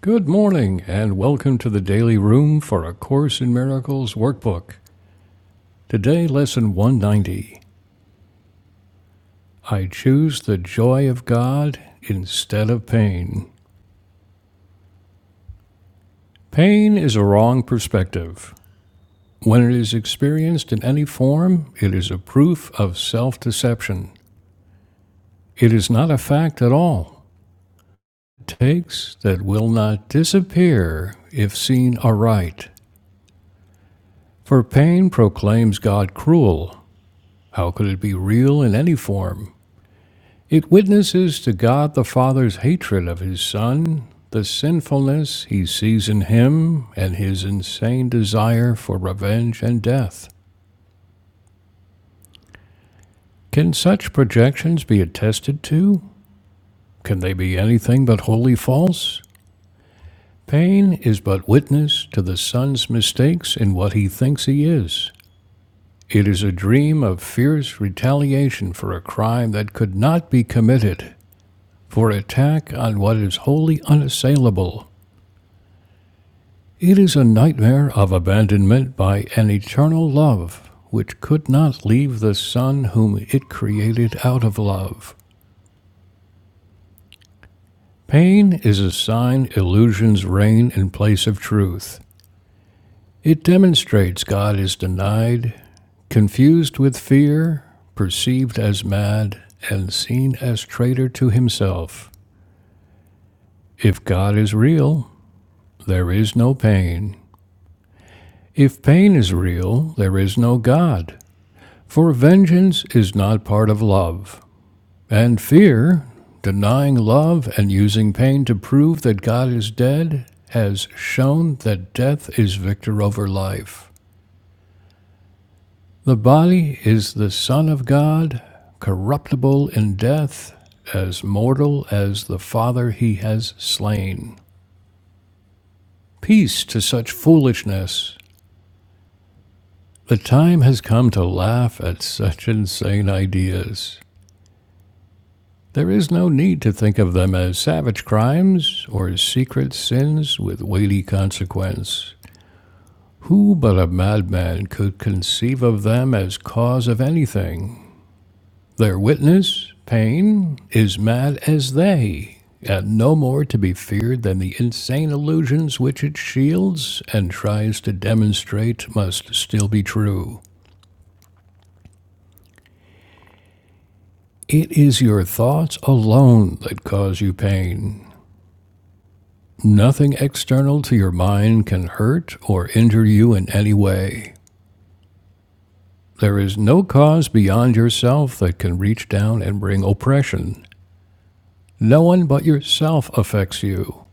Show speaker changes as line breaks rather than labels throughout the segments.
Good morning, and welcome to the Daily Room for A Course in Miracles workbook. Today, Lesson 190 I Choose the Joy of God instead of Pain. Pain is a wrong perspective. When it is experienced in any form, it is a proof of self deception. It is not a fact at all. It Takes that will not disappear if seen aright. For pain proclaims God cruel. How could it be real in any form? It witnesses to God the Father's hatred of his Son, the sinfulness he sees in him, and his insane desire for revenge and death. Can such projections be attested to? Can they be anything but wholly false? Pain is but witness to the Son's mistakes in what he thinks he is. It is a dream of fierce retaliation for a crime that could not be committed, for attack on what is wholly unassailable. It is a nightmare of abandonment by an eternal love which could not leave the Son whom it created out of love. Pain is a sign illusions reign in place of truth. It demonstrates God is denied, confused with fear, perceived as mad, and seen as traitor to himself. If God is real, there is no pain. If pain is real, there is no God. For vengeance is not part of love, and fear, denying love and using pain to prove that God is dead, has shown that death is victor over life. The body is the Son of God, corruptible in death, as mortal as the Father he has slain. Peace to such foolishness! The time has come to laugh at such insane ideas. There is no need to think of them as savage crimes or secret sins with weighty consequence. Who but a madman could conceive of them as cause of anything? Their witness, Paine, is mad as they, and no more to be feared than the insane illusions which it shields and tries to demonstrate must still be true. It is your thoughts alone that cause you pain. Nothing external to your mind can hurt or injure you in any way. There is no cause beyond yourself that can reach down and bring oppression. No one but yourself affects you.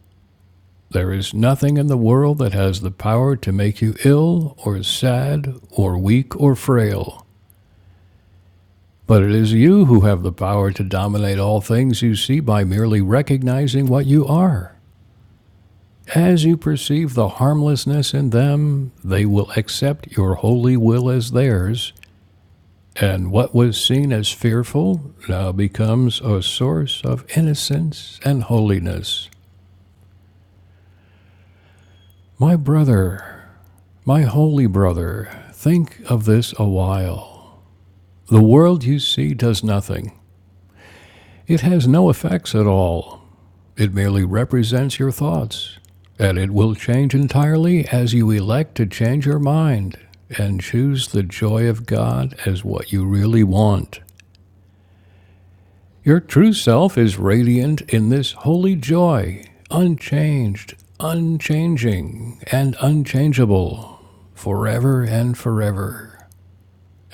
There is nothing in the world that has the power to make you ill or sad or weak or frail. But it is you who have the power to dominate all things you see by merely recognizing what you are. As you perceive the harmlessness in them, they will accept your holy will as theirs, and what was seen as fearful now becomes a source of innocence and holiness. My brother, my holy brother, think of this a while. The world you see does nothing, it has no effects at all. It merely represents your thoughts, and it will change entirely as you elect to change your mind and choose the joy of God as what you really want. Your true self is radiant in this holy joy, unchanged, unchanging, and unchangeable, forever and forever.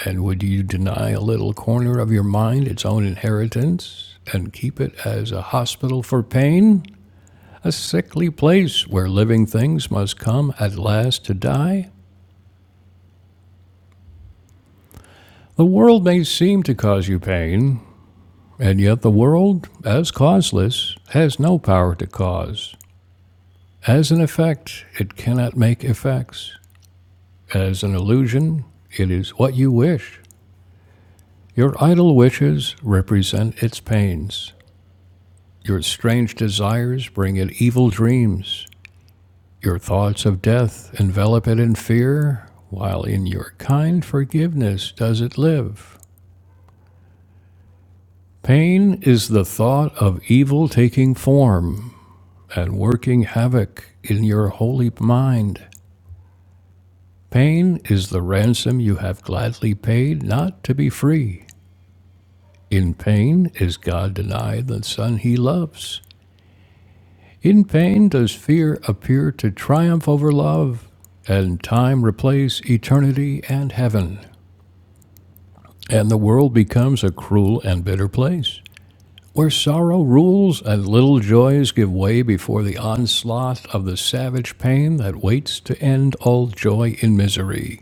And would you deny a little corner of your mind its own inheritance and keep it as a hospital for pain? a sickly place where living things must come at last to die? The world may seem to cause you pain, and yet the world, as causeless, has no power to cause. As an effect, it cannot make effects. As an illusion, it is what you wish. Your idle wishes represent its pains. Your strange desires bring it evil dreams. Your thoughts of death envelop it in fear, while in your kind forgiveness does it live. Pain is the thought of evil taking form and working havoc in your holy mind. Pain is the ransom you have gladly paid not to be free. In pain is God denied the Son he loves. In pain does fear appear to triumph over love, and time replace eternity and heaven. and the world becomes a cruel and bitter place, where sorrow rules and little joys give way before the onslaught of the savage pain that waits to end all joy in misery.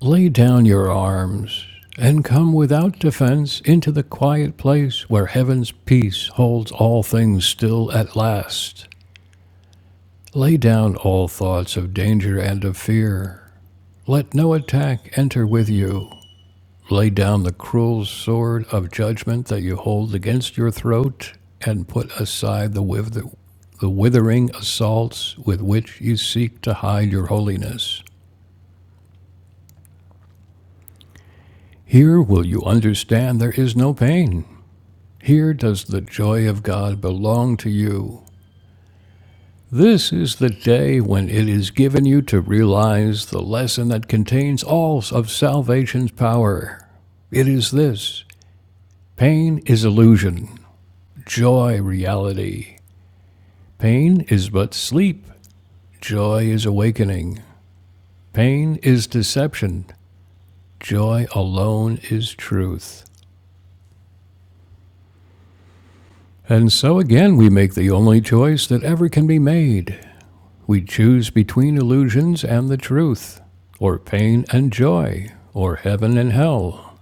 Lay down your arms and come without defense into the quiet place where heaven's peace holds all things still at last. Lay down all thoughts of danger and of fear. Let no attack enter with you. Lay down the cruel sword of judgment that you hold against your throat, and put aside the, wither- the withering assaults with which you seek to hide your holiness. Here will you understand there is no pain. Here does the joy of God belong to you. This is the day when it is given you to realize the lesson that contains all of salvation's power. It is this pain is illusion, joy reality. Pain is but sleep, joy is awakening. Pain is deception, joy alone is truth. And so again, we make the only choice that ever can be made. We choose between illusions and the truth, or pain and joy, or heaven and hell.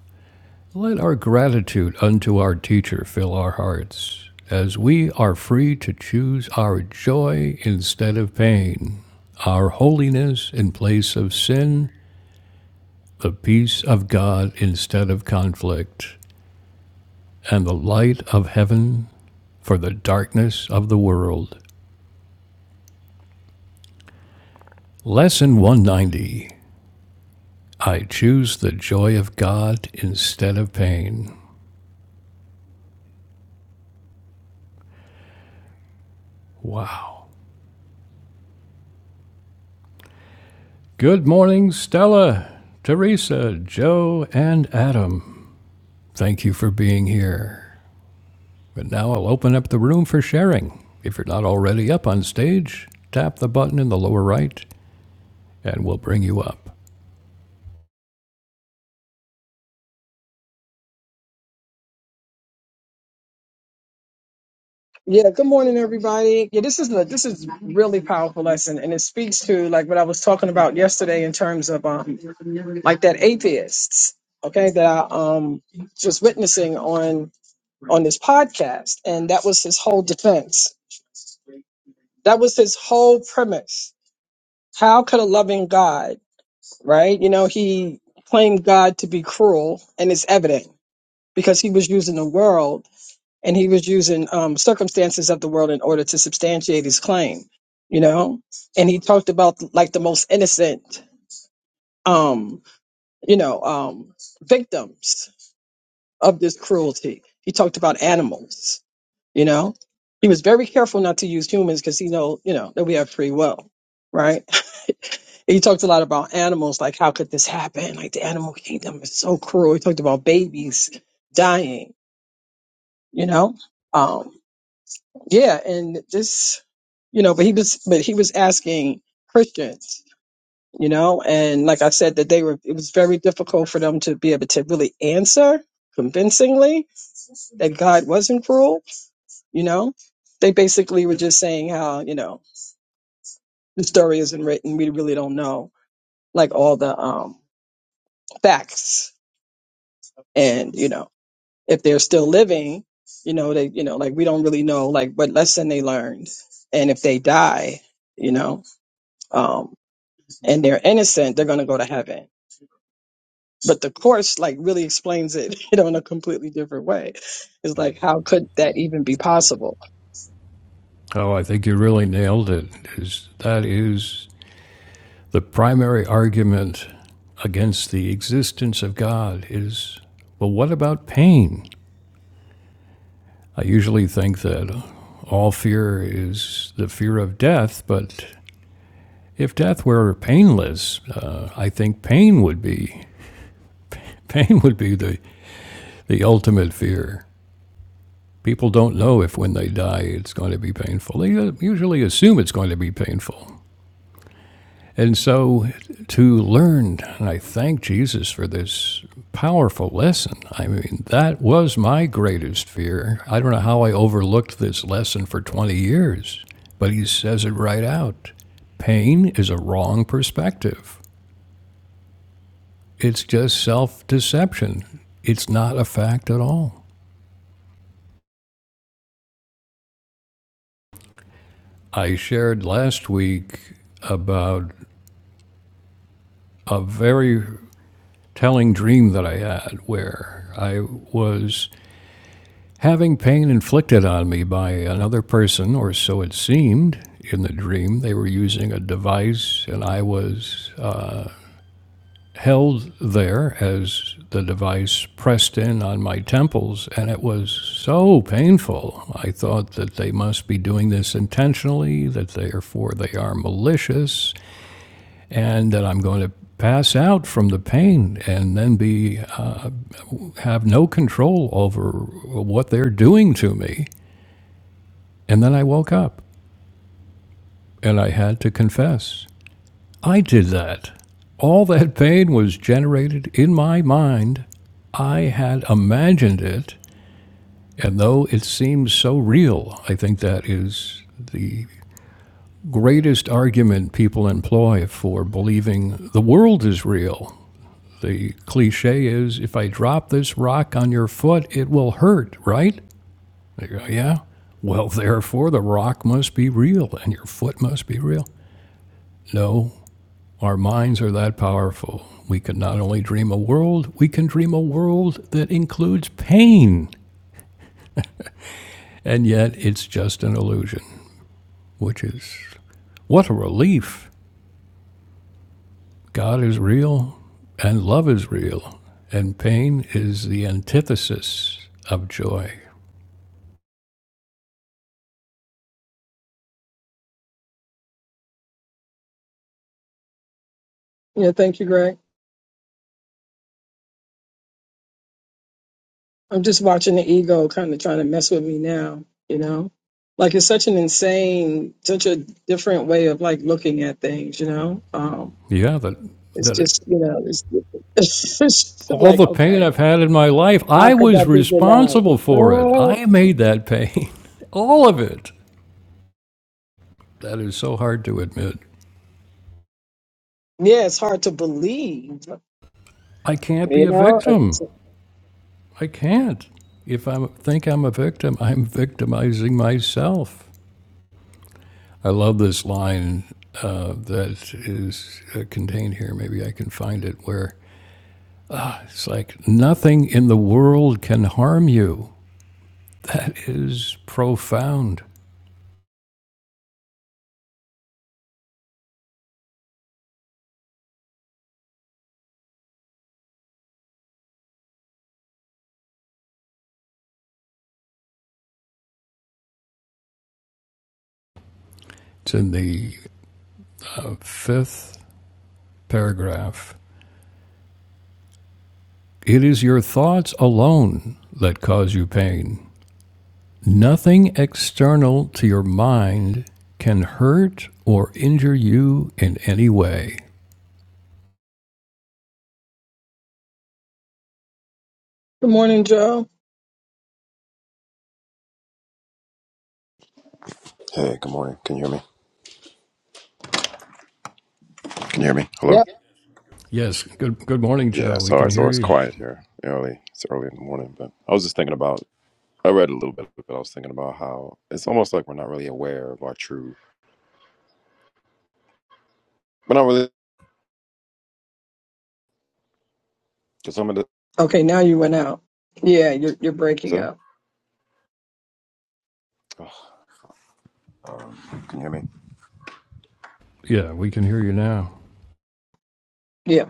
Let our gratitude unto our teacher fill our hearts, as we are free to choose our joy instead of pain, our holiness in place of sin, the peace of God instead of conflict, and the light of heaven for the darkness of the world. Lesson 190 I choose the joy of God instead of pain. Wow. Good morning, Stella, Teresa, Joe, and Adam. Thank you for being here. But now I'll open up the room for sharing. If you're not already up on stage, tap the button in the lower right and we'll bring you up.
Yeah, good morning, everybody. Yeah, this is a, this is really powerful lesson, and it speaks to like what I was talking about yesterday in terms of um like that atheists, okay, that I um just witnessing on on this podcast, and that was his whole defense. That was his whole premise. How could a loving God, right? You know, he claimed God to be cruel, and it's evident because he was using the world and he was using um, circumstances of the world in order to substantiate his claim you know and he talked about like the most innocent um you know um victims of this cruelty he talked about animals you know he was very careful not to use humans because he know you know that we have free will right he talked a lot about animals like how could this happen like the animal kingdom is so cruel he talked about babies dying you know Um, yeah and this you know but he was but he was asking christians you know and like i said that they were it was very difficult for them to be able to really answer convincingly that god wasn't cruel you know they basically were just saying how you know the story isn't written we really don't know like all the um facts and you know if they're still living you know they you know like we don't really know like what lesson they learned and if they die you know um, and they're innocent, they're going to go to heaven. But the course like really explains it, you know, in a completely different way. It's like, how could that even be possible?
Oh, I think you really nailed it. Is that is the primary argument against the existence of God is well, what about pain? I usually think that all fear is the fear of death, but if death were painless, uh, I think pain would be pain would be the, the ultimate fear. People don't know if when they die it's going to be painful. They uh, usually assume it's going to be painful. And so to learn, and I thank Jesus for this powerful lesson. I mean, that was my greatest fear. I don't know how I overlooked this lesson for 20 years, but he says it right out. Pain is a wrong perspective, it's just self deception. It's not a fact at all. I shared last week about a very telling dream that I had where I was Having pain inflicted on me by another person, or so it seemed, in the dream, they were using a device, and I was held there as the device pressed in on my temples, and it was so painful. I thought that they must be doing this intentionally, that therefore they are malicious, and that I'm going to pass out from the pain and then be uh, have no control over what they're doing to me. And then I woke up. And I had to confess, I did that. All that pain was generated in my mind. I had imagined it, and though it seems so real, I think that is the greatest argument people employ for believing the world is real. The cliche is if I drop this rock on your foot, it will hurt, right? They go, yeah. Well, therefore, the rock must be real and your foot must be real. No, Our minds are that powerful. We can not only dream a world, we can dream a world that includes pain. And yet it's just an illusion, which is what a relief. God is real, and love is real, and pain is the antithesis of joy.
Yeah, thank you, Greg. I'm just watching the ego kind of trying to mess with me now, you know? Like it's such an insane, such a different way of like looking at things, you know? Um,
Yeah, that,
it's
that
just, you know, it's, it's just
all
like,
the pain
okay,
I've had in my life,
how
I
could
was
that be denied?
responsible for it.
Uh,
I made that pain, all of it. That is so hard to admit.
yeah, it's hard to believe,
I can't be
you
a
know?
victim. I can't. If I think I'm a victim, I'm victimizing myself. I love this line uh, that is uh, contained here. Maybe I can find it where it's like, nothing in the world can harm you. That is profound. It's in the uh, fifth paragraph. It is your thoughts alone that cause you pain. Nothing external to your mind can hurt or injure you in any way.
Good morning, Joe.
Hey, good morning. Can you hear me? Can you hear me? Hello?
Yes, good good morning,
Yeah,
Joe. We
sorry.
can
It's
hear
always
you.
quiet here early. It's early in the morning, but I was just thinking about, I read a little bit, but I was thinking about how it's almost like we're not really aware of our true, we're not really, because some of the,
Okay, now you went out. Yeah, you're you're breaking
sorry?
up.
Ugh, Um, can you hear me?
Yeah, we can hear you now.
Yeah.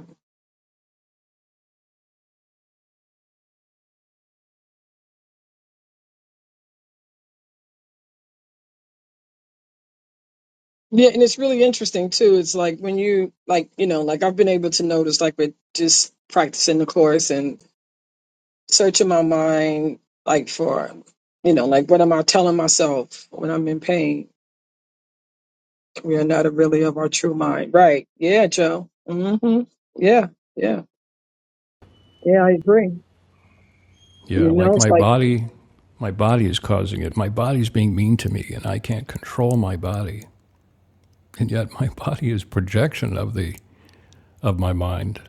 Yeah, and it's really interesting too. It's like when you like, you know, like I've been able to notice like with just practicing the course and searching my mind like for you know, like what am I telling myself when I'm in pain? We are not really of our true mind. Right. Yeah, Joe. Mhm. Yeah. Yeah. Yeah, I agree.
Yeah,
You know,
like
it's
my
like
body my body is causing it. My body's being mean to me and I can't control my body. And yet my body is projection of the of my mind.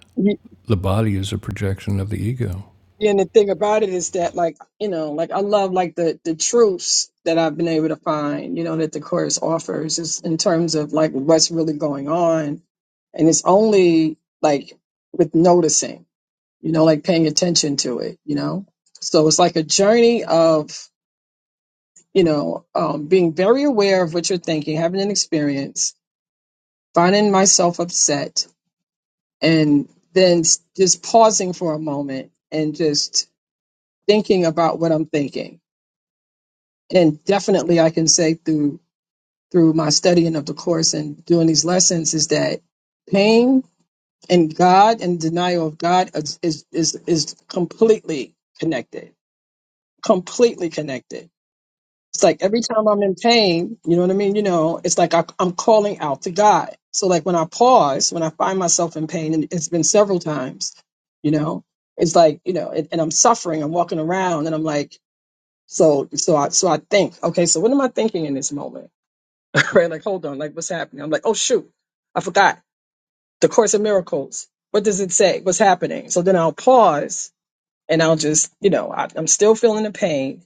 The body is a projection of the ego.
And the thing about it is that, like, you know, like I love like the the truths that I've been able to find, you know, that the course offers is in terms of like what's really going on, and it's only like with noticing, you know, like paying attention to it, you know. So it's like a journey of, you know, um, being very aware of what you're thinking, having an experience, finding myself upset, and then s- just pausing for a moment and just thinking about what I'm thinking and definitely I can say through through my studying of the course and doing these lessons is that pain and God and denial of God is is is, is completely connected. Completely connected. It's like every time I'm in pain, you know what I mean? You know, it's like I, I'm calling out to God. So like when I pause, when I find myself in pain, and it's been several times, you know, it's like you know, and, and I'm suffering. I'm walking around, and I'm like, so so I so I think, okay, so what am I thinking in this moment? Craig, like, hold on, like, what's happening? I'm like, oh, shoot, I forgot. The Course of Miracles. What does it say? What's happening? So then I'll pause and I'll just, you know, I, I'm still feeling the pain.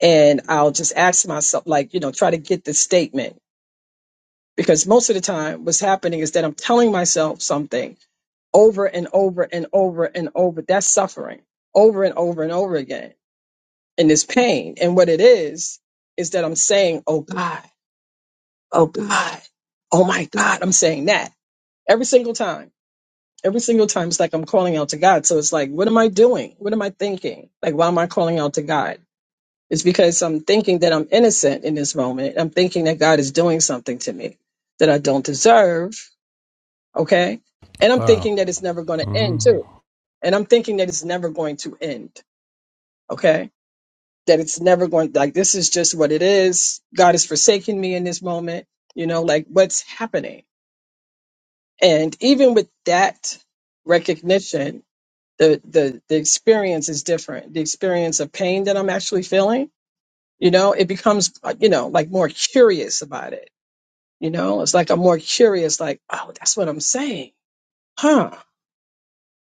And I'll just ask myself, like, you know, try to get the statement. Because most of the time, what's happening is that I'm telling myself something over and over and over and over. That's suffering over and over and over again. And this pain. And what it is, is that I'm saying, oh God, oh God, oh my God. I'm saying that Every single time. Every single time it's like I'm calling out to God. So it's like, what am I doing? What am I thinking? Like why am I calling out to God? It's because I'm thinking that I'm innocent in this moment. I'm thinking that God is doing something to me that I don't deserve. Okay. And I'm
Wow.
thinking that it's never going to end
Mm-hmm.
too. And I'm thinking that it's never going to end. Okay. That it's never going, like, this is just what it is. God is forsaking me in this moment. You know, like, what's happening? And even with that recognition, the the the experience is different the experience of pain that i'm actually feeling you know it becomes uh, you know like more curious about it you know it's like i'm more curious like oh that's what i'm saying huh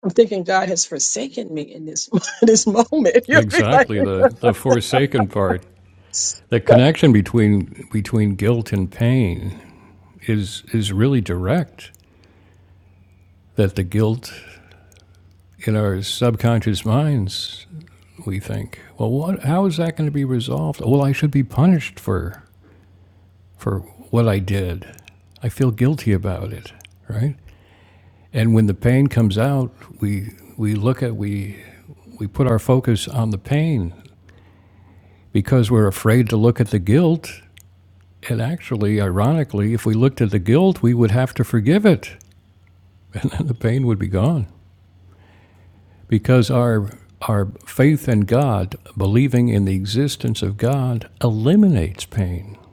i'm thinking god has forsaken me in this in this moment you know what I mean? like
Exactly the the forsaken part. The connection between between guilt and pain is is really direct. That the guilt in our subconscious minds, we think, well, what? How is that going to be resolved? Well, I should be punished for for what I did. I feel guilty about it, right? And when the pain comes out, we we look at we we put our focus on the pain because we're afraid to look at the guilt. And actually, ironically, if we looked at the guilt, we would have to forgive it and then the pain would be gone because our our faith in God, believing in the existence of God, eliminates pain.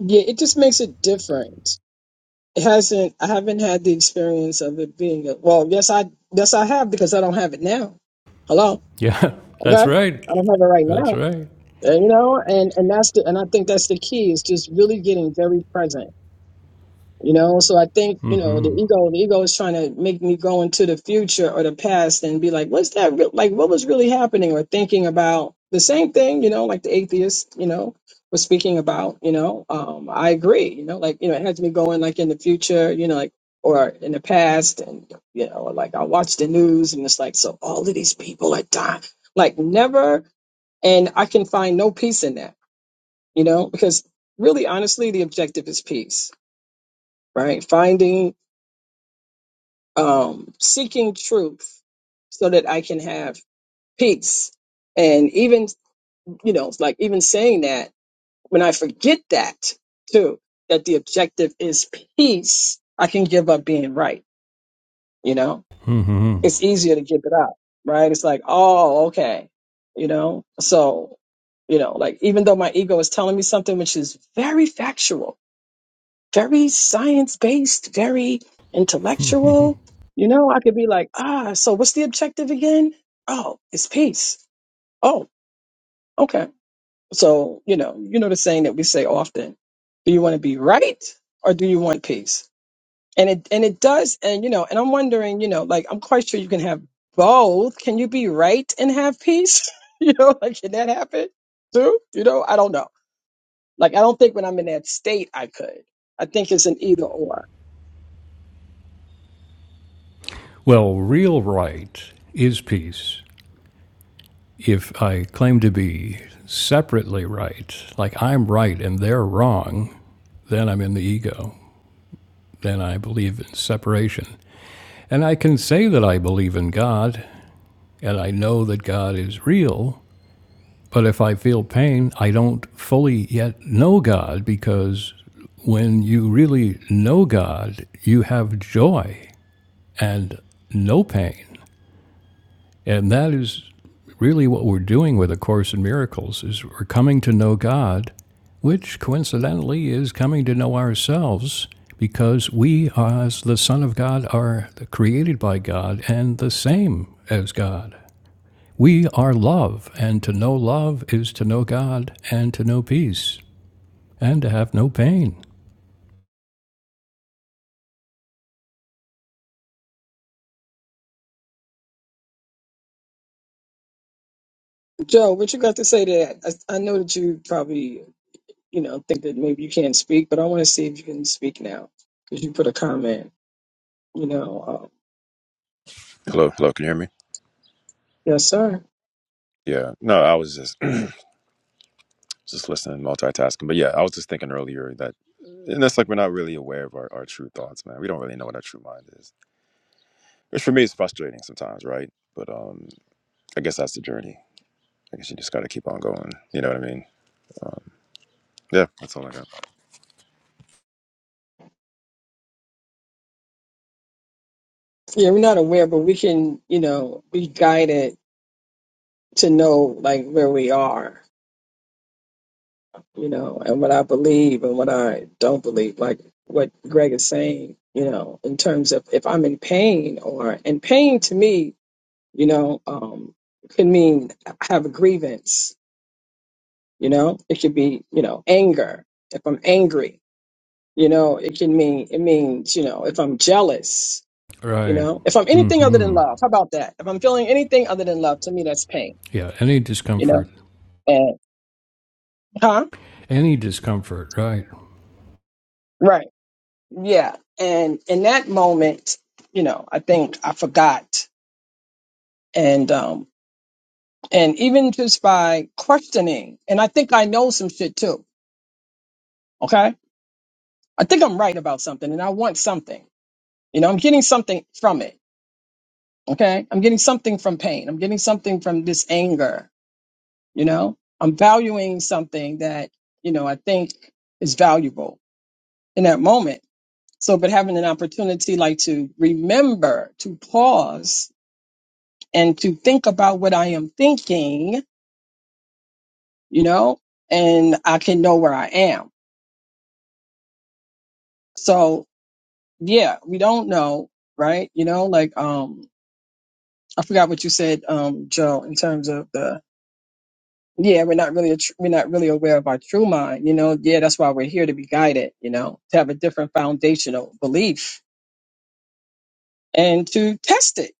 yeah it just makes it different it hasn't i haven't had the experience of it being a, well yes i yes i have because i don't have it now hello
Yeah, that's
okay i
right.
don't have it right now
That's right.
And, you know, and and that's the and I think that's the key is just really getting very present. You know, so I think you know the ego. The ego is trying to make me go into the future or the past and be like, "What's that? Re- like, what was really happening?" Or thinking about the same thing. You know, like the atheist. You know, was speaking about. You know, um, I agree. You know, like you know, it has me going like in the future. You know, like or in the past, and you know, like I watch the news and it's like, so all of these people are dying. Like never and I can find no peace in that you know because really honestly the objective is peace right finding um seeking truth so that i can have peace and even you know like even saying that when i forget that too that the objective is peace i can give up being right you know it's
Mm-hmm.
easier to give it up right it's like oh okay you know so you know like even though my ego is telling me something which is very factual very science based, very intellectual. You know, I could be like, ah, so what's the objective again? Oh, it's peace. Oh, okay. So, you know, you know the saying that we say often, do you want to be right or do you want peace? And it and it does, and you know, and I'm wondering, you know, like I'm quite sure you can have both. Can you be right and have peace? you know, like can that happen too? You know, I don't know. Like I don't think when I'm in that state I could. I think it's an either or.
well, real right is peace. If I claim to be separately right, like I'm right and they're wrong, then I'm in the ego. Then I believe in separation. And I can say that I believe in God and I know that God is real, But if I feel pain, I don't fully yet know God because when you really know God, you have joy and no pain. And that is really what we're doing with A Course in Miracles is we're coming to know God, which coincidentally is coming to know ourselves because we as the Son of God are created by God and the same as God. We are love, and to know love is to know God, and to know peace, and to have no pain.
Joe, what you got to say to that? I, I know that you probably, you know, think that maybe you can't speak, but I want to see if you can speak now because you put a comment, you know. Um,
Hello? Hello? Can you hear me?
yes, sir.
Yeah. No, I was just, just listening, multitasking. But yeah, I was just thinking earlier that, and that's like we're not really aware of our, our true thoughts, man. We don't really know what our true mind is, which for me is frustrating sometimes, right? But um, I guess that's the journey. I guess you just got to keep on going. You know what I mean? Um, yeah, that's all I got.
Yeah, we're not aware, but we can, you know, be guided to know like where we are, you know, and what I believe and what I don't believe, like what Greg is saying, you know, in terms of if I'm in pain or and pain to me, you know, um, can mean I have a grievance You know, it could be, you know, anger. If I'm angry, you know, it can mean, it means, you know, if I'm jealous, you
Right.
know, if I'm anything other than
hmm
love, how about that? If I'm feeling anything other than love, to me, that's pain,
Yeah, any
you know,
discomfort.
and, huh?
Any discomfort, right.
Right. Yeah. And in that moment, you know, I think I forgot. And, um, and even just by questioning, and I think I know some shit too. Okay. I think I'm right about something and I want something, you know, I'm getting something from it Okay. I'm getting something from pain. I'm getting something from this anger. You know, I'm valuing something that, you know, I think is valuable in that moment. So, but having an opportunity like to remember to pause and to think about what I am thinking, you know, and I can know where I am. So yeah, we don't know, right? You know, like, um, I forgot what you said, um, Joe, in terms of the yeah, we're not really a tr- we're not really aware of our true mind, you know. Yeah, that's why we're here to be guided, you know, to have a different foundational belief and to test it,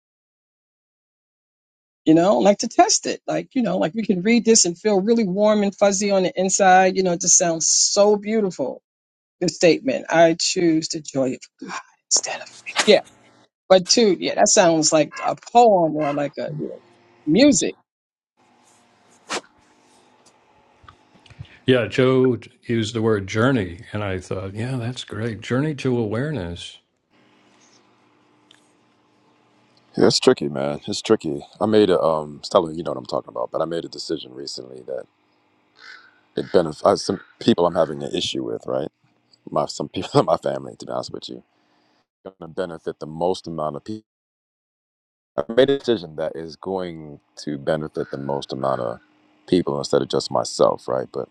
you know, like to test it, like you know, like we can read this and feel really warm and fuzzy on the inside, you know. It just sounds so beautiful. The statement, I choose the joy of God instead of me." yeah, but two, yeah, that sounds like a poem or like a you know, music,
Yeah, Joe used the word journey, and I thought, yeah, that's great. Journey to awareness.
Yeah, it's tricky, man. It's tricky. I made a um, Stella, you know what I'm talking about, but I made a decision recently that it benefits uh, some people I'm having an issue with, right? My some people in my family, to be honest with you, going to benefit the most amount of people. I made a decision that is going to benefit the most amount of people instead of just myself, right? But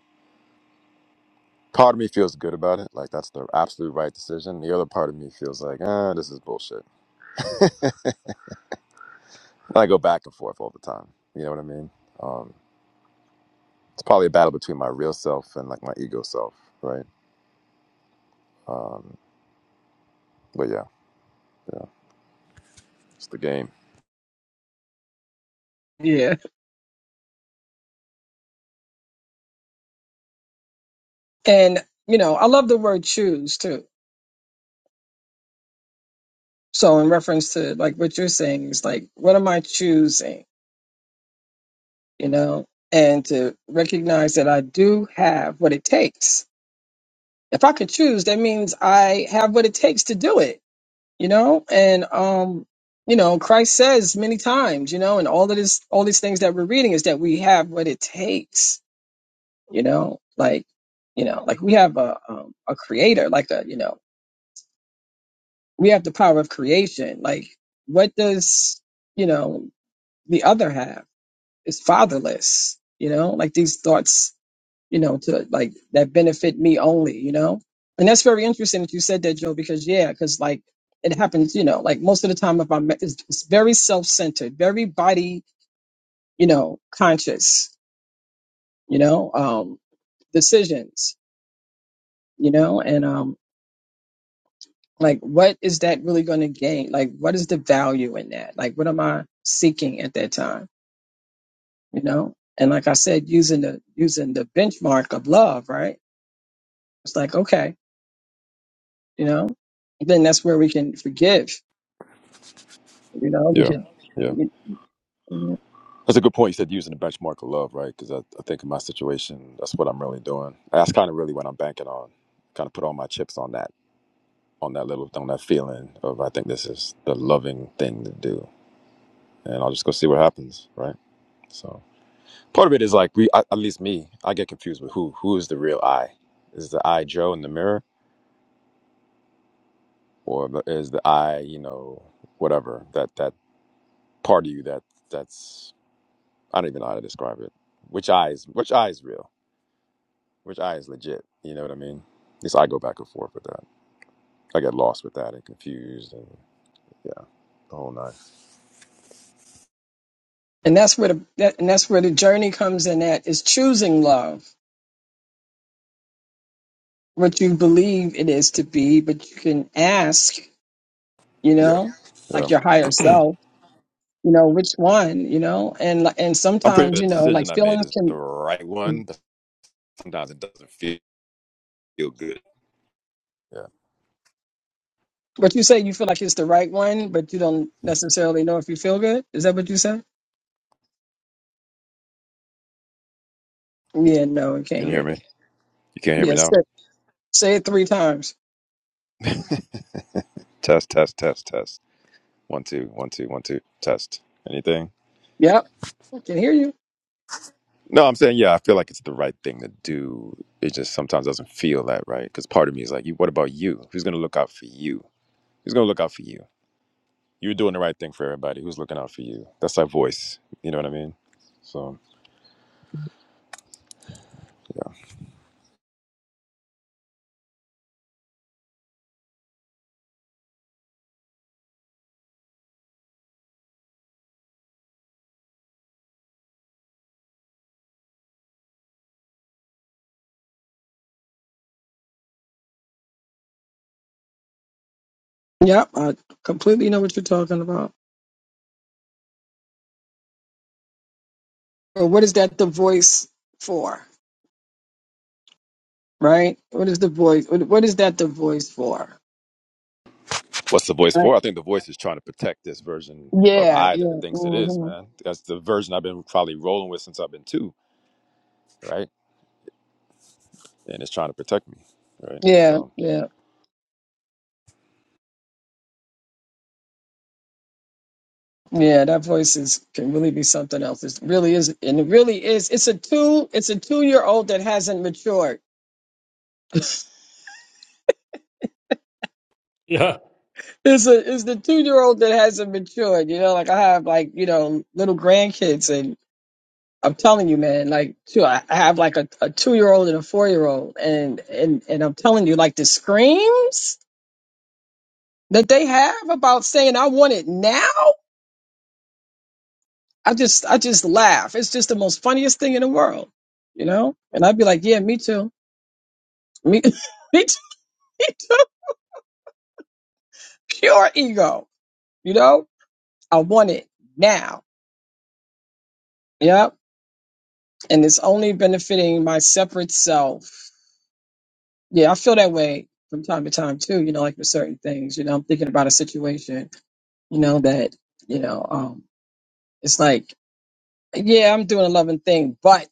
part of me feels good about it, like that's the absolute right decision. The other part of me feels like, ah, this is bullshit. I go back and forth all the time. You know what I mean? Um, it's probably a battle between my real self and like my ego self, right? Um, but yeah, yeah, it's the game.
yeah, and you know, I love the word choose too So in reference to like what you're saying is like, what am I choosing? You know, and to recognize that I do have what it takes. If I could choose, that means I have what it takes to do it, you know? And um, you know, Christ says many times, you know, and all of this all these things that we're reading is that we have what it takes, you know, like you know, like we have a um, a creator, like a you know, we have the power of creation. Like, what does you know the other have? is fatherless, you know, like these thoughts, you know, to like that benefit me only, you know? And that's very interesting that you said that, Joe, because yeah, because like it happens, you know, like most of the time if I'm it's, it's very self centered, very body, you know, conscious, you know, um, decisions, you know, and um like what is that really gonna gain? Like what is the value in that? Like what am I seeking at that time? You know? And like I said, using the using the benchmark of love, right? It's like, okay, you know, then that's where we can forgive, you know, we
Yeah,
could,
yeah.
and
That's a good point. You said using the benchmark of love, right? Because I, I think in my situation, that's what I'm really doing. That's kind of really what I'm banking on. Kind of put all my chips on that, on that little, on that feeling of I think this is the loving thing to do, and I'll just go see what happens, right? So. Part of it is like we, at at least me, I get confused with who who is the real I. Is the I Joe in the mirror, or the- is the I, you know, whatever that that part of you that that's I don't even know how to describe it. Which eye is which eye is real? Which eye is legit? You know what I mean? At least I go back and forth with that. I get lost with that and confused and yeah, the whole nine.
that's where the, that, and that's where the journey comes in at is choosing love, what you believe it is to be, but you can ask, you
Yeah,
know,
yeah.
like your higher self, you know, which one, you know, and, li- and
I'm pretty
sometimes,
sure
you
the
know, like
decision I made
feelings
is the
can,
right one, but sometimes it doesn't feel feel good. Yeah.
what you say, you feel like it's the right one, but you don't necessarily know if you feel good. Is that what you said? Yeah, no, I can't
Can you
hear
hear me?
you.
You can't hear
Yeah,
me
say,
now.
say it three times.
Test, test, test, test. One, two, one, two, one, two, test. Anything?
Yep, I can hear you.
No, I'm saying, yeah, I feel like it's the right thing to do. It just sometimes doesn't feel that right. Because part of me is like, "You- what about you? Who's going to look out for you? Who's going to look out for you? You're doing the right thing for everybody. Who's looking out for you? That's that voice. You know what I mean? So,
Yep, I completely know what you're talking about. But what is that the voice for? Right? What is the voice? What what is that the voice for?
what's the voice
Right.
for? I think the voice is trying to protect this version of
Yeah,
I that
yeah,
it thinks it is,
hmm
man. That's the version I've been probably rolling with since I've been two, right? And it's trying to protect me, right?
yeah,
So,
yeah, yeah. That voice is can really be something else. It really is, and it really is. It's a two. It's a two-year-old that hasn't matured.
Yeah.
It's a it's the two-year-old that hasn't matured. You know, like I have like you know little grandkids, and. I'm telling you, man, like too, I I have like a, a two year old and a four year old and, and and I'm telling you, like the screams that they have about saying I want it now, I just I just laugh. It's just the most funniest thing in the world. You know? And I'd be like, Yeah, me too. Me me too, me too. Pure ego. You know? I want it now. Yep. And it's only benefiting my separate self. Yeah, I feel that way from time to time too, you know, like with certain things. You know, I'm thinking about a situation you know that you know um it's like yeah i'm doing a loving thing but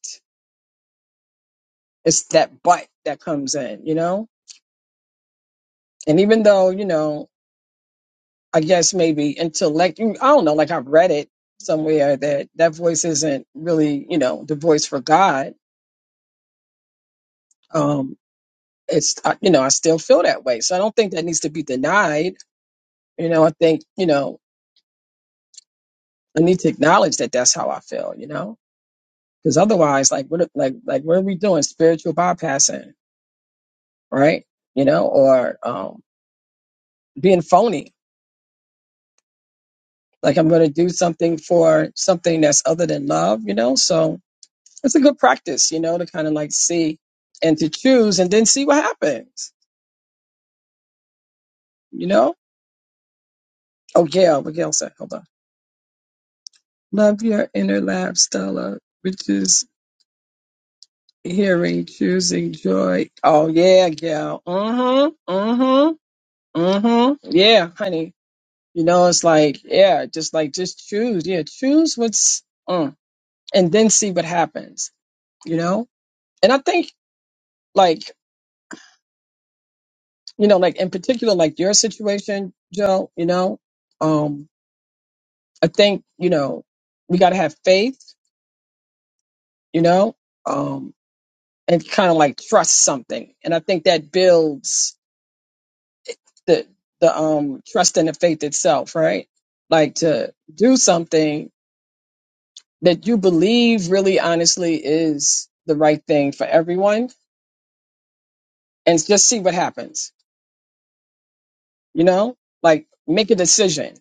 it's that but that comes in you know and even though you know i guess maybe intellect i don't know like i've read it somewhere that that voice isn't really you know the voice for god um it's I, you know i still feel that way so i don't think that needs to be denied you know i think you know i need to acknowledge that that's how i feel you know because otherwise like what like like what are we doing spiritual bypassing right? You know, or um, being phony. Like I'm going to do something for something that's other than love, you know? So it's a good practice, you know, to kind of like see and to choose and then see what happens, you know? Oh, Gail, what Gail said, hold on. Love your inner lab, Stella, which is hearing, choosing joy. Oh, yeah, Gail. Mm-hmm, mm-hmm, mm-hmm. Yeah, honey. You know, it's like, yeah, just like, just choose. Yeah, choose what's, mm. and then see what happens, you know? And I think like, you know, like in particular, like your situation, Joe, you know, um, I think, you know, we gotta have faith, you know, um, and kind of like trust something. And I think that builds the the um trust and the faith itself, right? Like to do something that you believe really honestly is the right thing for everyone and just see what happens, you know? Like make a decision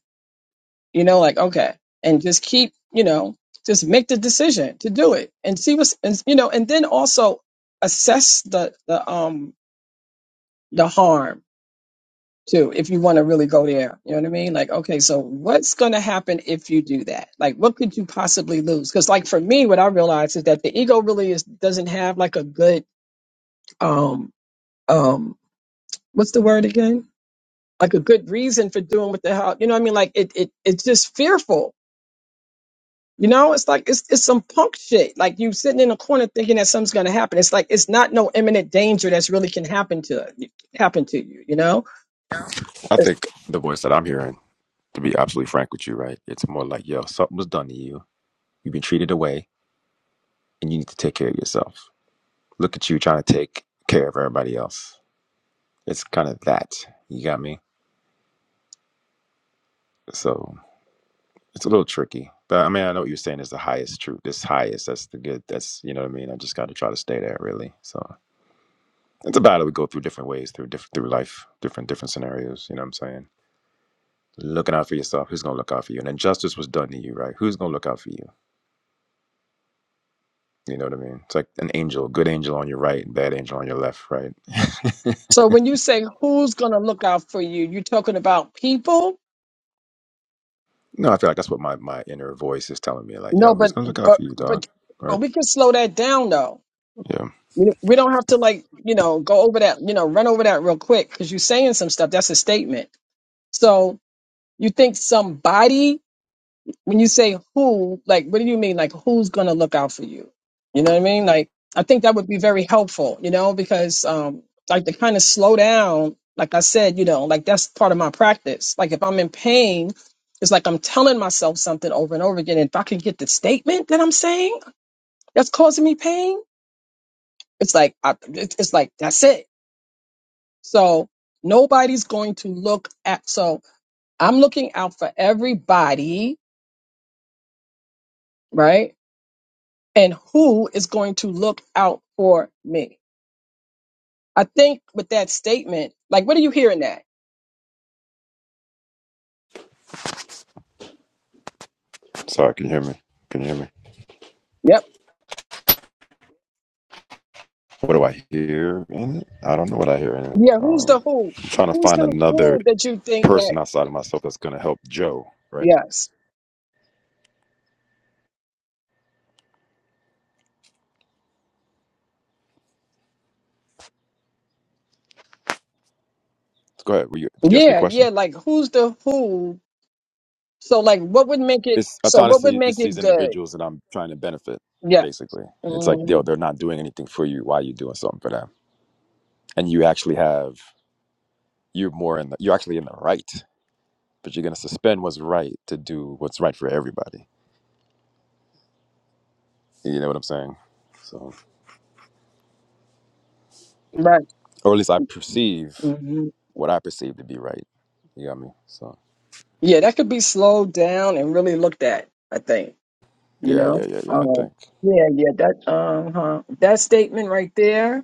you know like okay and just keep you know just make the decision to do it and see what's and, you know and then also assess the the um the harm too if you want to really go there you know what i mean like okay so what's going to happen if you do that like what could you possibly lose because like for me what i realized is that the ego really is doesn't have like a good um um what's the word again like a good reason for doing what the hell you know what i mean like it, it it's just fearful You know, it's like it's it's some punk shit. Like you sitting in a corner thinking that something's gonna happen. It's like it's not no imminent danger that's really can happen to happen to you. You know.
I
It's-
think the voice that I'm hearing to be absolutely frank with you, right? It's more like, yo, something was done to you. You've been treated away, and you need to take care of yourself. Look at you trying to take care of everybody else. It's kind of that. You got me? So it's a little tricky. But I mean, I know what you're saying is the highest truth. This highest, that's the good. That's, you know what I mean? I just got to try to stay there, really. So it's a battle we go through different ways through different through life, different different scenarios. You know what I'm saying? Looking out for yourself. Who's going to look out for you? And injustice was done to you, right? Who's going to look out for you? You know what I mean? It's like an angel, good angel on your right, bad angel on your left, right?
So when you say who's gonna look out for you, you talking about people?
No, I feel like that's what my, my inner voice is telling me. Like,
No,
yo, who's
but
gonna look out
but
for you, dog?
but
Right?
but we can slow that down though.
Yeah.
We we don't have to like you know go over that you know run over that real quick because you're saying some stuff that's a statement. So you think somebody when you say who, like, what do you mean? Like, who's going to look out for you? You know what I mean? Like, I think that would be very helpful, you know, because, um, like, to kind of slow down, like I said, you know, like that's part of my practice. Like, if I'm in pain, it's like I'm telling myself something over and over again. If I can get the statement that I'm saying that's causing me pain, it's like, I, it's it's like, that's it. So nobody's going to look at, so I'm looking out for everybody, right? and who is going to look out for me? I think with that statement, like, what are you hearing that?
Sorry, can you hear me? Can you hear me?
Yep.
What do I hear in it? I don't know what I hear in it.
Yeah. Who's
Um,
the who?
I'm trying to
Who's
find
the
another
who that you think that?
person outside of myself that's gonna help Joe. Right?
Yes.
Go ahead. Were you, did you ask me a
Yeah.
question?
Yeah. Like, who's the who? So, like, what would make it?
It's, it's
So, what would
honestly
make
it's these
it good?
individuals that I'm trying to benefit.
Yeah.
Basically, it's like
hmm
yo, they're not doing anything for you. Why are you doing something for them? And you actually have you're more in the you're actually in the right, but you're gonna suspend what's right to do what's right for everybody. You know what I'm saying? So,
Right.
or at least I perceive
hmm
what I perceive to be right. You got me? So,
Yeah. That could be slowed down and really looked at. I think. You
yeah, yeah,
know.
yeah, yeah. I
Um,
think
yeah. Yeah. That. Uh huh. That statement right there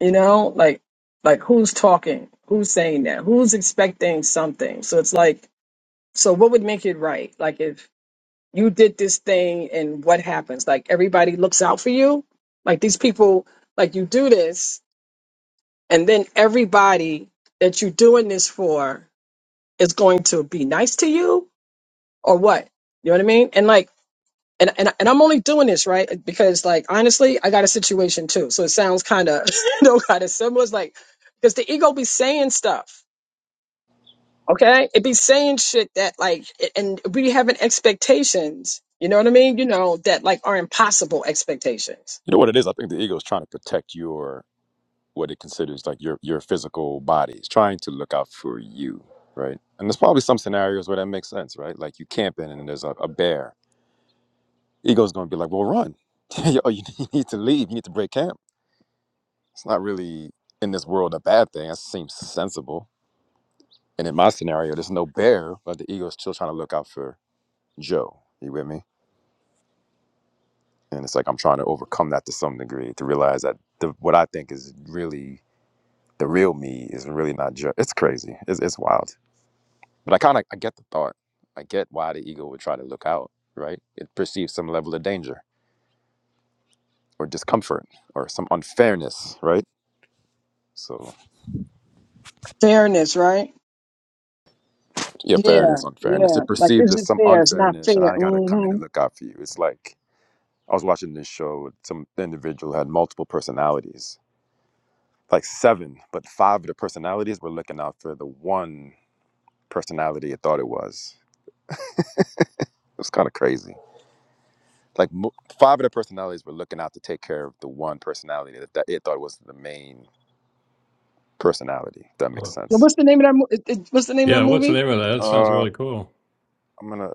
You know, like like who's talking? Who's saying that? Who's expecting something? So it's like, so what would make it right? Like if you did this thing and what happens? Like everybody looks out for you? Like these people, like you do this, and then everybody that you're doing this for is going to be nice to you or what? You know what I mean? And like and and and I'm only doing this right because like honestly, I got a situation too. So it sounds kind of you know kind of similar. It's like because the ego be saying stuff, okay? It be saying shit that like, a- and we having expectations. You know what I mean? You know that like are impossible expectations.
you know what it is. I think the ego is trying to protect your what it considers like your your physical body. It's trying to look out for you, right? And there's probably some scenarios where that makes sense, right? Like you camping and there's a, a bear. Ego's gonna be like, well, run. oh, you need to leave. You need to break camp It's not really in this world a bad thing. That seems sensible. And in my scenario, there's no bear, but the ego is still trying to look out for Joe. You with me? And it's like I'm trying to overcome that to some degree to realize that the, what I think is really the real me is really not Joe. It's crazy. It's, it's wild. But I kind of I get the thought. I get why the ego would try to look out. Right? It perceives some level of danger or discomfort or some unfairness. Right? So
Fairness, right?
Yeah,
Yeah,
fairness, unfairness.
yeah.
It
Like
perceives
it's
there's
just
some
fair. It's not
unfairness, and
fair.
I gotta come in
hmm
and look out for you. It's like I was watching this show. with Some individual had multiple personalities, like seven, but five of the personalities were looking out for the one personality it thought it was. It's kind of crazy. Like mo- five of the personalities were looking out to take care of the one personality that, that it thought was the main personality. if that makes
Oh.
sense.
What's the name of that? Mo- it- it- what's the name of that
Yeah, what's the
movie?
name of that? That sounds
Uh,
really cool.
I'm gonna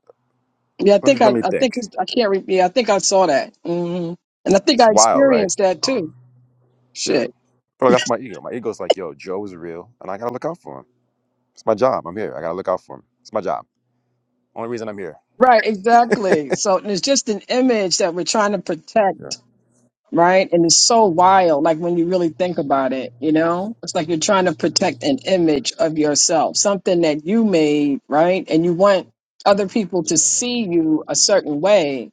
Yeah, I
let me,
think I,
let me
I think
think.
it's, I can't. Re- yeah, I think I saw that. hmm And I think
It's
I
wild, right?
experienced that too.
Um, yeah.
Shit.
But that's my ego. My ego's like, yo, Joe is real, and I gotta look out for him. It's my job. I'm here. I gotta look out for him. It's my job. Only reason I'm here.
Right, exactly. So and it's just an image that we're trying to
Yeah.
protect, right? And it's so wild, like when you really think about it, you know? It's like you're trying to protect an image of yourself, something that you made, right? And you want other people to see you a certain way,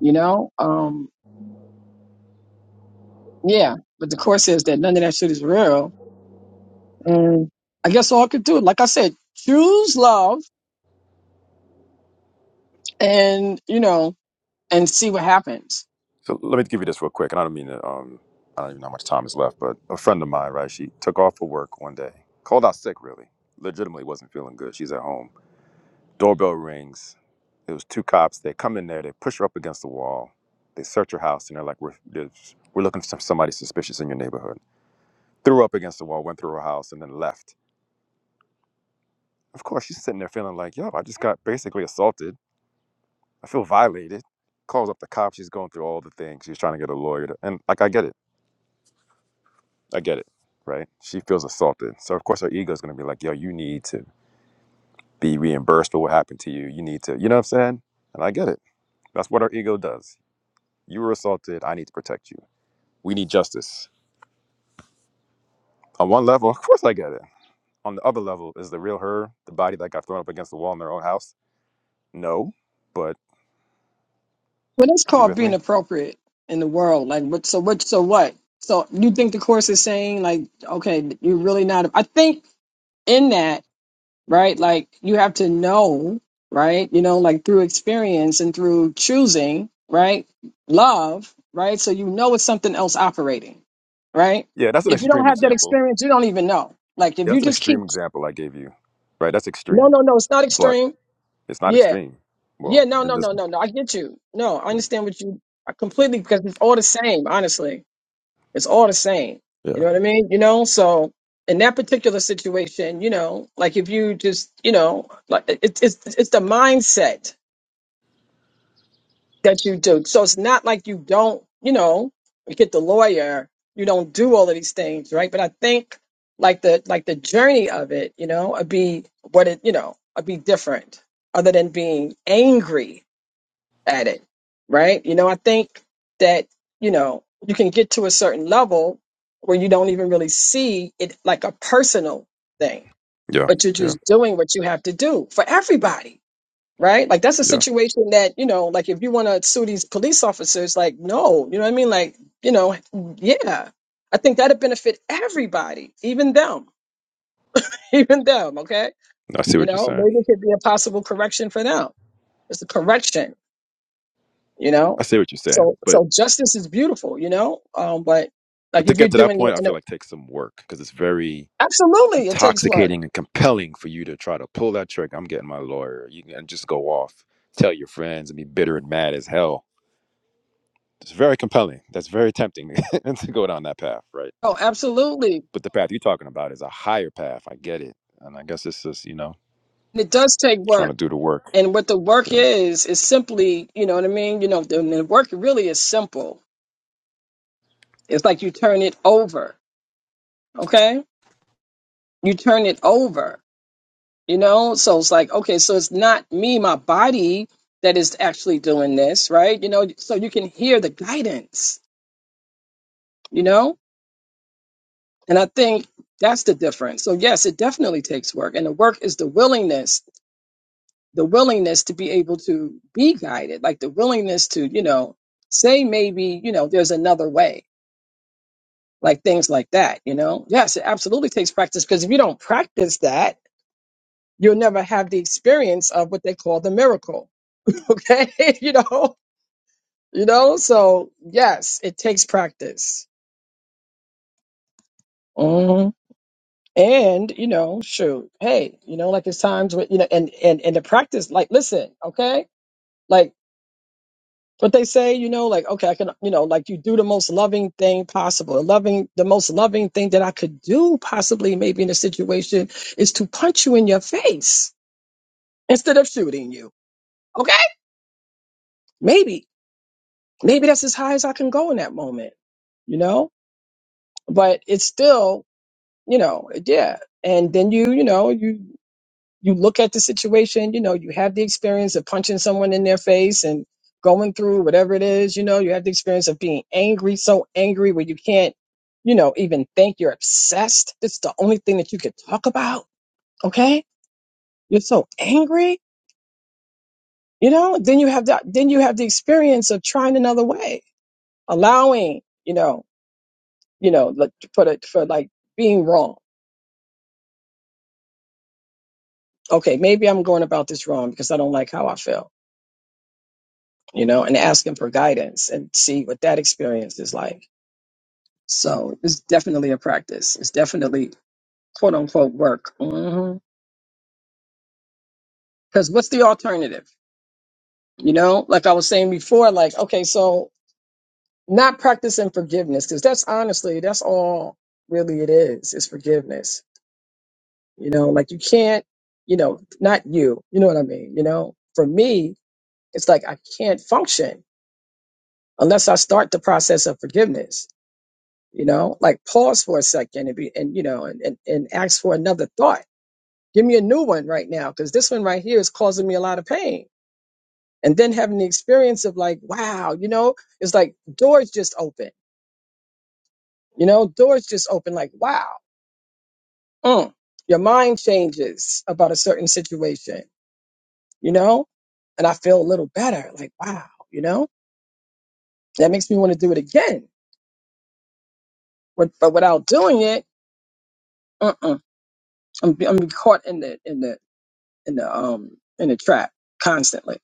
you know? Um, yeah. But the course says that none of that shit is real. And I guess all I could do, like I said, choose love and, you know, and see what happens.
So let me give you this real quick, and I don't mean to. Um, I don't even know how much time is left, but a friend of mine, right? She took off for work one day, called out sick. Really, legitimately wasn't feeling good. She's at home. Doorbell rings. It was two cops. They come in there. They push her up against the wall. They search her house, and they're like, "We're they're- we're looking for somebody suspicious in your neighborhood." Threw her up against the wall, went through her house, and then left. Of course, she's sitting there feeling like, yo, I just got basically assaulted. I feel violated. Calls up the cops. She's going through all the things. She's trying to get a lawyer. To, and like, I get it. I get it. Right. She feels assaulted. So, of course, her ego is going to be like, yo, you need to be reimbursed for what happened to you. You need to, you know what I'm saying? And I get it. That's what our ego does. You were assaulted. I need to protect you. We need justice. On one level, of course, I get it. On the other level, is the real her, the body that got thrown up against the wall in their own house? No. But
Well, that's
you
called
with
being
me?
appropriate in the world. Like, what? So what? So what? So you think the course is saying like, okay, you're really not. I think in that, right? Like, you have to know, right? You know, like through experience and through choosing, right? Love, right? So you know it's something else operating, right?
Yeah, that's an
If you don't
extreme
have that
example.
experience, you don't even know. Like, if
Yeah,
you
that's an
just keep,
extreme example I gave you, right? That's
no,
extreme,
no, no, it's not
but
extreme.
it's not
Yeah,
extreme.
yeah,
Well,
no,
in
no,
this,
no, no, no. I get you. No, I understand what you I completely because it's all the same, honestly. It's all the same. You
yeah,
know what I mean? You know, so in that particular situation, you know, like if you just, you know, like it- it's it's it's the mindset that you do. So it's not like you don't, you know, you get the lawyer, you don't do all of these things, right? But I think like the like the journey of it, you know, would be what it, you know, would be different other than being angry at it, right? You know, I think that, you know, you can get to a certain level where you don't even really see it like a personal thing,
yeah,
but you're
yeah,
just doing what you have to do for everybody, right? Like that's a
yeah.
situation that, you know, like if you want to sue these police officers, like, no, you know what I mean? Like, you know, yeah, I think that'd benefit everybody, even them, even them, okay?
I see
You
what you're
know,
saying.
maybe it could be a possible correction for them. It's a correction you know
I see what you're saying,
so
but
so justice is beautiful you know um but like
but to
if you're
get to that
doing it
point, I
in a,
feel like takes some work because it's very
absolutely it takes work
intoxicating and compelling for you to try to pull that trick. I'm getting my lawyer. You can and just go off, tell your friends, and be bitter and mad as hell. It's very compelling. That's very tempting to go down that path, right?
oh absolutely
But the path you're talking about is a higher path. I get it, and I guess it's just you know
and it does take
trying to
work
do the work.
and what the work
Yeah.
is is simply you know what i mean you know the, the work really is simple it's like you turn it over okay you turn it over you know so it's like okay so it's not me my body that is actually doing this right you know so you can hear the guidance you know And I think that's the difference. So yes, it definitely takes work. And the work is the willingness, the willingness to be able to be guided, like the willingness to, you know, say maybe, you know, there's another way, like things like that, you know? Yes, it absolutely takes practice because if you don't practice that, you'll never have the experience of what they call the miracle. Okay. you know, you know, so yes, it takes practice. Mm-hmm. And, you know, shoot, hey, you know, like there's times when, you know, and, and, and the practice, like, listen, okay? Like what they say, you know, like, okay, I can, you know, like you do the most loving thing possible. And loving, the most loving thing that I could do possibly maybe in a situation is to punch you in your face instead of shooting you. Okay? Maybe, maybe that's as high as I can go in that moment, you know? But it's still, you know, yeah. And then you, you know, you you look at the situation, you know, you have the experience of punching someone in their face and going through whatever it is, you know, you have the experience of being angry, so angry where you can't, you know, even think you're obsessed. This is the only thing that you could talk about. Okay. You're so angry, you know, then you have that, then you have the experience of trying another way, allowing, you know, you know, like, for the, for like being wrong. Okay. Maybe I'm going about this wrong because I don't like how I feel you know, and ask him for guidance and see what that experience is like. So it's definitely a practice. It's definitely quote unquote work. Because what's the alternative? You know, like I was saying before, like, okay, so not practicing forgiveness, because that's honestly, that's all really it is, is forgiveness. You know, like you can't, you know, not you, you know what I mean? You know, for me, it's like I can't function unless I start the process of forgiveness you know like pause for a second and be and you know and, and, and ask for another thought give me a new one right now because this one right here is causing me a lot of pain and then having the experience of like wow you know it's like doors just open you know doors just open like wow mm. your mind changes about a certain situation you know and i feel a little better like wow you know that makes me want to do it again but, but without doing it uh-uh. I'm, I'm caught in the in the in the um in the trap constantly.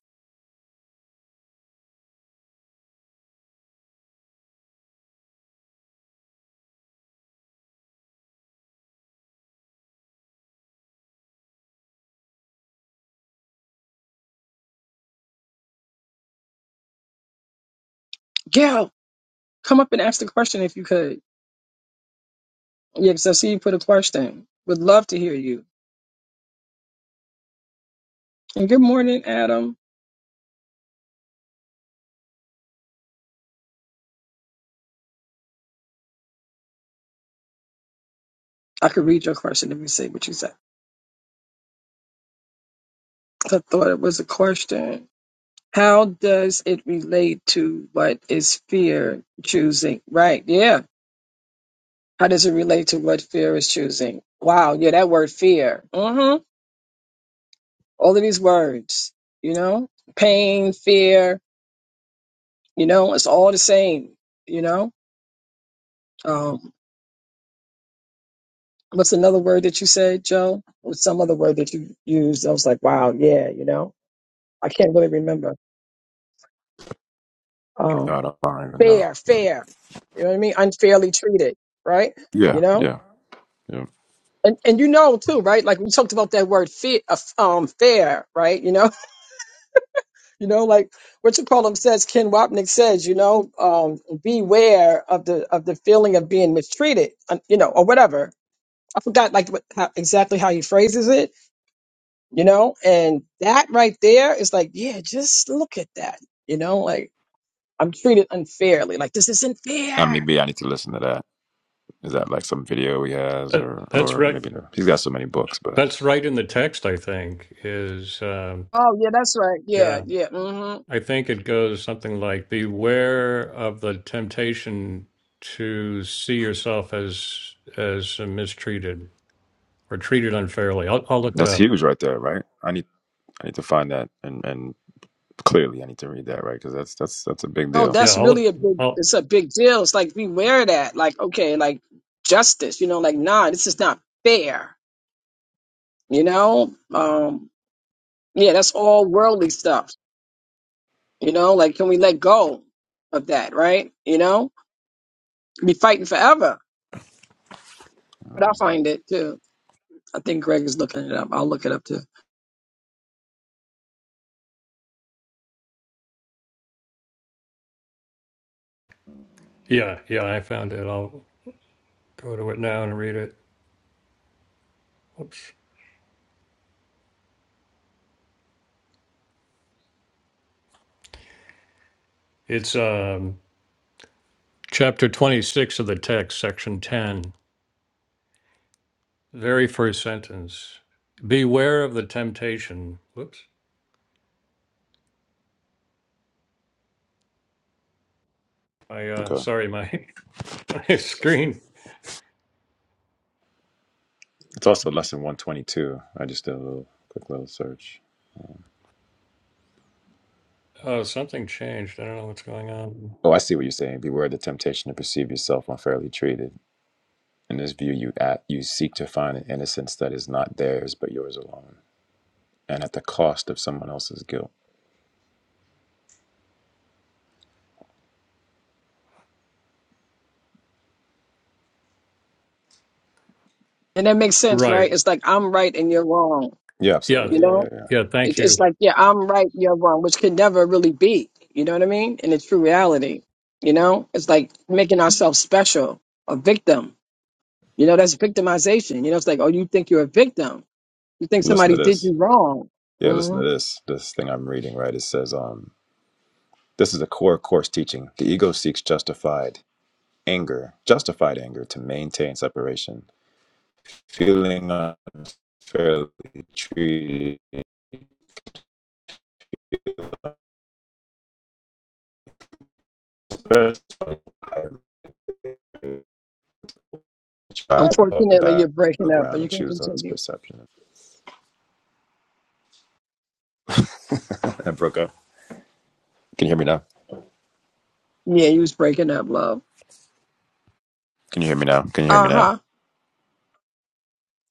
Gail, come up and ask the question if you could. Yeah, because I see you put a question. Would love to hear you. And good morning, Adam. I could read your question. Let me see what you said. I thought it was a question. How does it relate to what is fear choosing? Right. Yeah. How does it relate to what fear is choosing? Wow. Yeah, that word fear. Mm-hmm. All of these words, you know, pain, fear, you know, it's all the same, you know? Um, what's another word that you said, Joe? Or some other word that you used? I was like, wow, yeah, you know, I can't really remember. Um,
God, I don't even know.
fair,
But
fair. You know what I mean? Unfairly treated, right?
yeah,
You know,
yeah, yeah.
and and you know too, right? Like we talked about that word fair, um, fair, right? You know, you know, like Richard Pullum says, Ken Wapnick says, you know, um, beware of the of the feeling of being mistreated, uh, you know, or whatever. I forgot like what, how, exactly how he phrases it you know and that right there is like yeah just look at that you know like i'm treated unfairly like this isn't
I mean,
fair
maybe I need to listen to that. Is that like some video he has,
That,
or
that's
or
right.
maybe no? He's got so many books, but
That's right in the text, I think, is, um,
oh yeah that's right
yeah.
yeah yeah mm-hmm.
I think it goes something like beware of the temptation to see yourself as as mistreated or treated unfairly. I'll I'll look it
that's
up.
huge right there, right? I need I need to find that, and and clearly I need to read that, right? Because that's that's that's a big
oh
deal.
Yeah,
that's
I'll
really
look-
a big
I'll
it's a big deal it's like beware that like okay like justice you know like nah this is not fair you know um yeah that's all worldly stuff you know like can we let go of that right you know be fighting forever but i
Mhm.
find it too i think greg is looking it up i'll look it up too
yeah, yeah, I found it. I'll go to it now and read it. Whoops. It's um chapter 26 of the text, section 10, very first sentence. Beware of the temptation. Whoops. I uh
Okay,
sorry my my screen.
it's also lesson one twenty two. I just did a little quick little search.
Oh, something changed. I don't know what's going on.
Oh, I see what you're saying. Beware the temptation to perceive yourself unfairly treated. In this view, you at you seek to find an innocence that is not theirs but yours alone, and at the cost of someone else's guilt.
And that makes sense,
Right.
right? It's like I'm right and you're wrong.
Yeah,
Yeah.
You
absolutely. Yeah,
know,
yeah, yeah.
Yeah. Thank
it, it's
you.
like yeah, I'm right, you're wrong, which can never really be. You know what I mean? In its true reality, you know, it's like making ourselves special, a victim. You know, that's victimization. You know, it's like oh, you think you're a victim. You think
Listen to
somebody did
this.
you wrong.
Yeah, listen
hmm
to this. This thing I'm reading, right? It says, um, this is a core course teaching. The ego seeks justified anger, justified anger to maintain separation. Feeling unfairly treated, especially try above the
Unfortunately, you're breaking up, but
battleground
you
and
can
choose us
continue.
perception. I broke up. Can you hear me now?
Yeah, you was breaking up, love.
Can you hear me now? Can you hear me
Uh
now?
huh.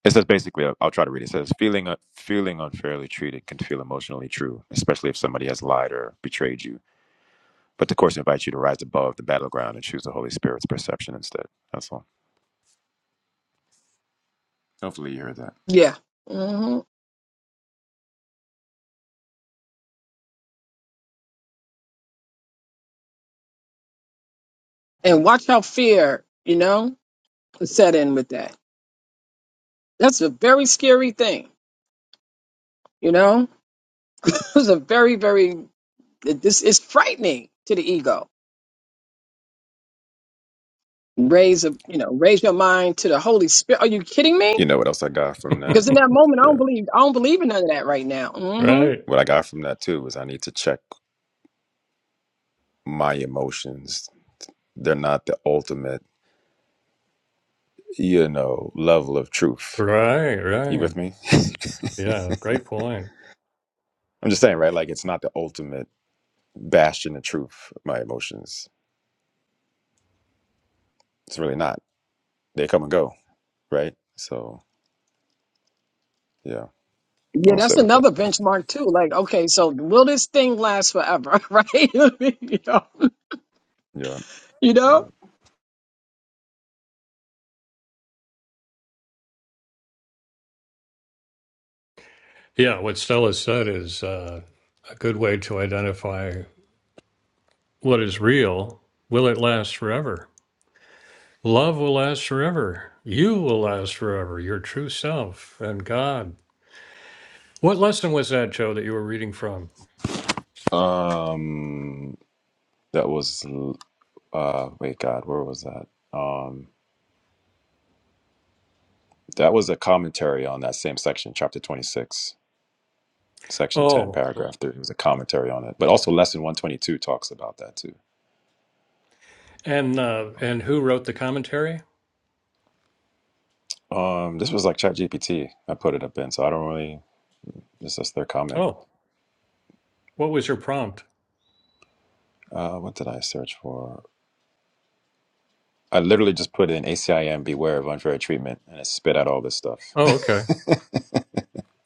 It says basically, I'll I'll try to read it. It says, feeling, uh, feeling unfairly treated can feel emotionally true, especially if somebody has lied or betrayed you. But the course invites you to rise above the battleground and choose the Holy Spirit's perception instead. That's all. Hopefully, you heard that.
Yeah. hmm And watch how fear, you know, is set in with that. That's a very scary thing You know, it was a very, very, it- this is frightening to the ego. Raise a, you know, raise your mind to the Holy Spirit. Are you kidding me?
You know what else I got from that?
Because in that moment, I don't
Yeah.
believe, I don't believe in none of that right now. hmm
right.
What I got from that too was I need to check my emotions. They're not the ultimate, you know, level of truth.
Right.
You
Right.
with me? I'm
Yeah. Great point.
just saying, right? Like, it's not the ultimate bastion of truth, my emotions. It's really not. They come and go right? So yeah,
Yeah,
I'll stay
that's
with that.
another benchmark too. Like, okay, so will this thing last forever? Right? you know,
Yeah.
you
yeah.
know,
Yeah. What Stella said is uh, a good way to identify what is real. Will it last forever? Love will last forever. You will last forever. Your true self and God. What lesson was that, Joe, that you were reading from?
Um, that was uh, wait, God, where was that? Um, that was a commentary on that same section, chapter twenty-six, section ten,
Oh,
paragraph three. It was a commentary on it, but also lesson one twenty-two talks about that too.
and uh, and who wrote the commentary?
Um, this was like Chat GPT. I put it up in, so I don't really. This is their comment.
Oh, what was your prompt?
Uh, what did I search for? I literally just put in ACIM beware of unfair treatment, and it spit out all this stuff.
Oh, okay.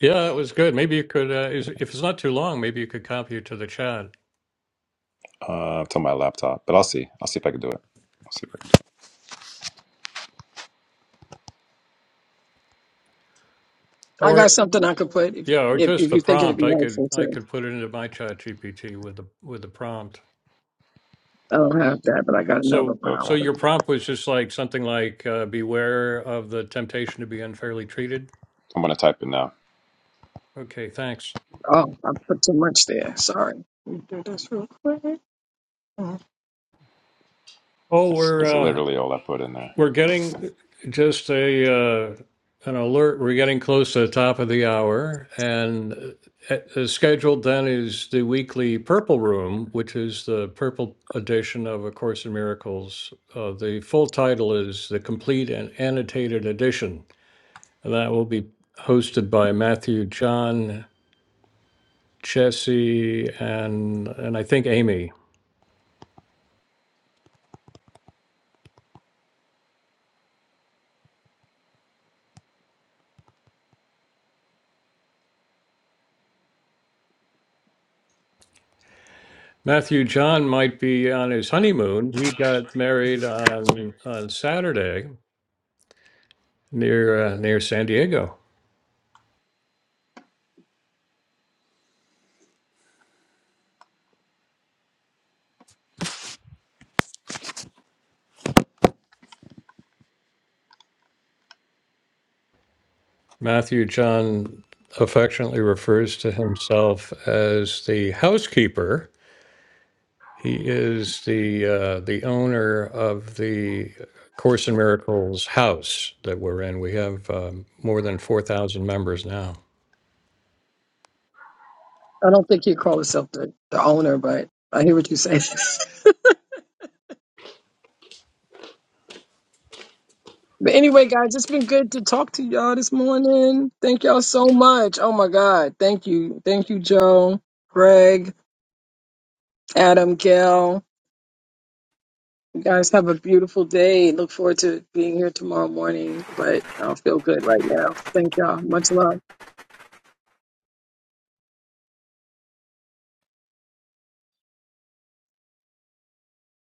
Yeah, it was good. Maybe you could, uh, is, if it's not too long, maybe you could copy it to the chat,
Uh, it's on my laptop, but I'll see. I'll see if I can do it. I'll see if I can.
I got
or
something I could put if,
yeah, or
if,
just
if
the
you think it'd
prompt.
be
I could
helpful
I
too.
could put it into my chat GPT with the with the prompt.
I don't have that, but I got another
So
Do it.
one. I'll
so
Okay,
put
your
it.
prompt was just like something like uh, beware of the temptation to be unfairly treated.
I'm gonna type it now.
Okay, thanks.
Oh, I put too much there. Sorry. Let me do this real quick.
Oh,
It's,
we're
it's
uh,
literally all I put in there.
We're getting just a uh, an alert. We're getting close to the top of the hour, and uh, uh, scheduled then is the weekly Purple Room, which is the purple edition of A Course in Miracles. Uh, the full title is the Complete and Annotated Edition, and that will be hosted by Matthew John, Jesse, and and I think Amy. Matthew John might be on his honeymoon. He got married on on Saturday. near uh, near San Diego. Matthew John affectionately refers to himself as the housekeeper. He is the uh, the owner of the Course in Miracles house that we're in. We have um, more than four thousand members now.
I don't think he'd call himself the, the owner, but I hear what you say. but anyway, guys, it's been good to talk to y'all this morning. Thank y'all so much. Oh my God. Thank you. Thank you, Joe, Greg, Adam, Gail. You guys have a beautiful day. Look forward to being here tomorrow morning, but I don't feel good right now. Thank y'all. Much love.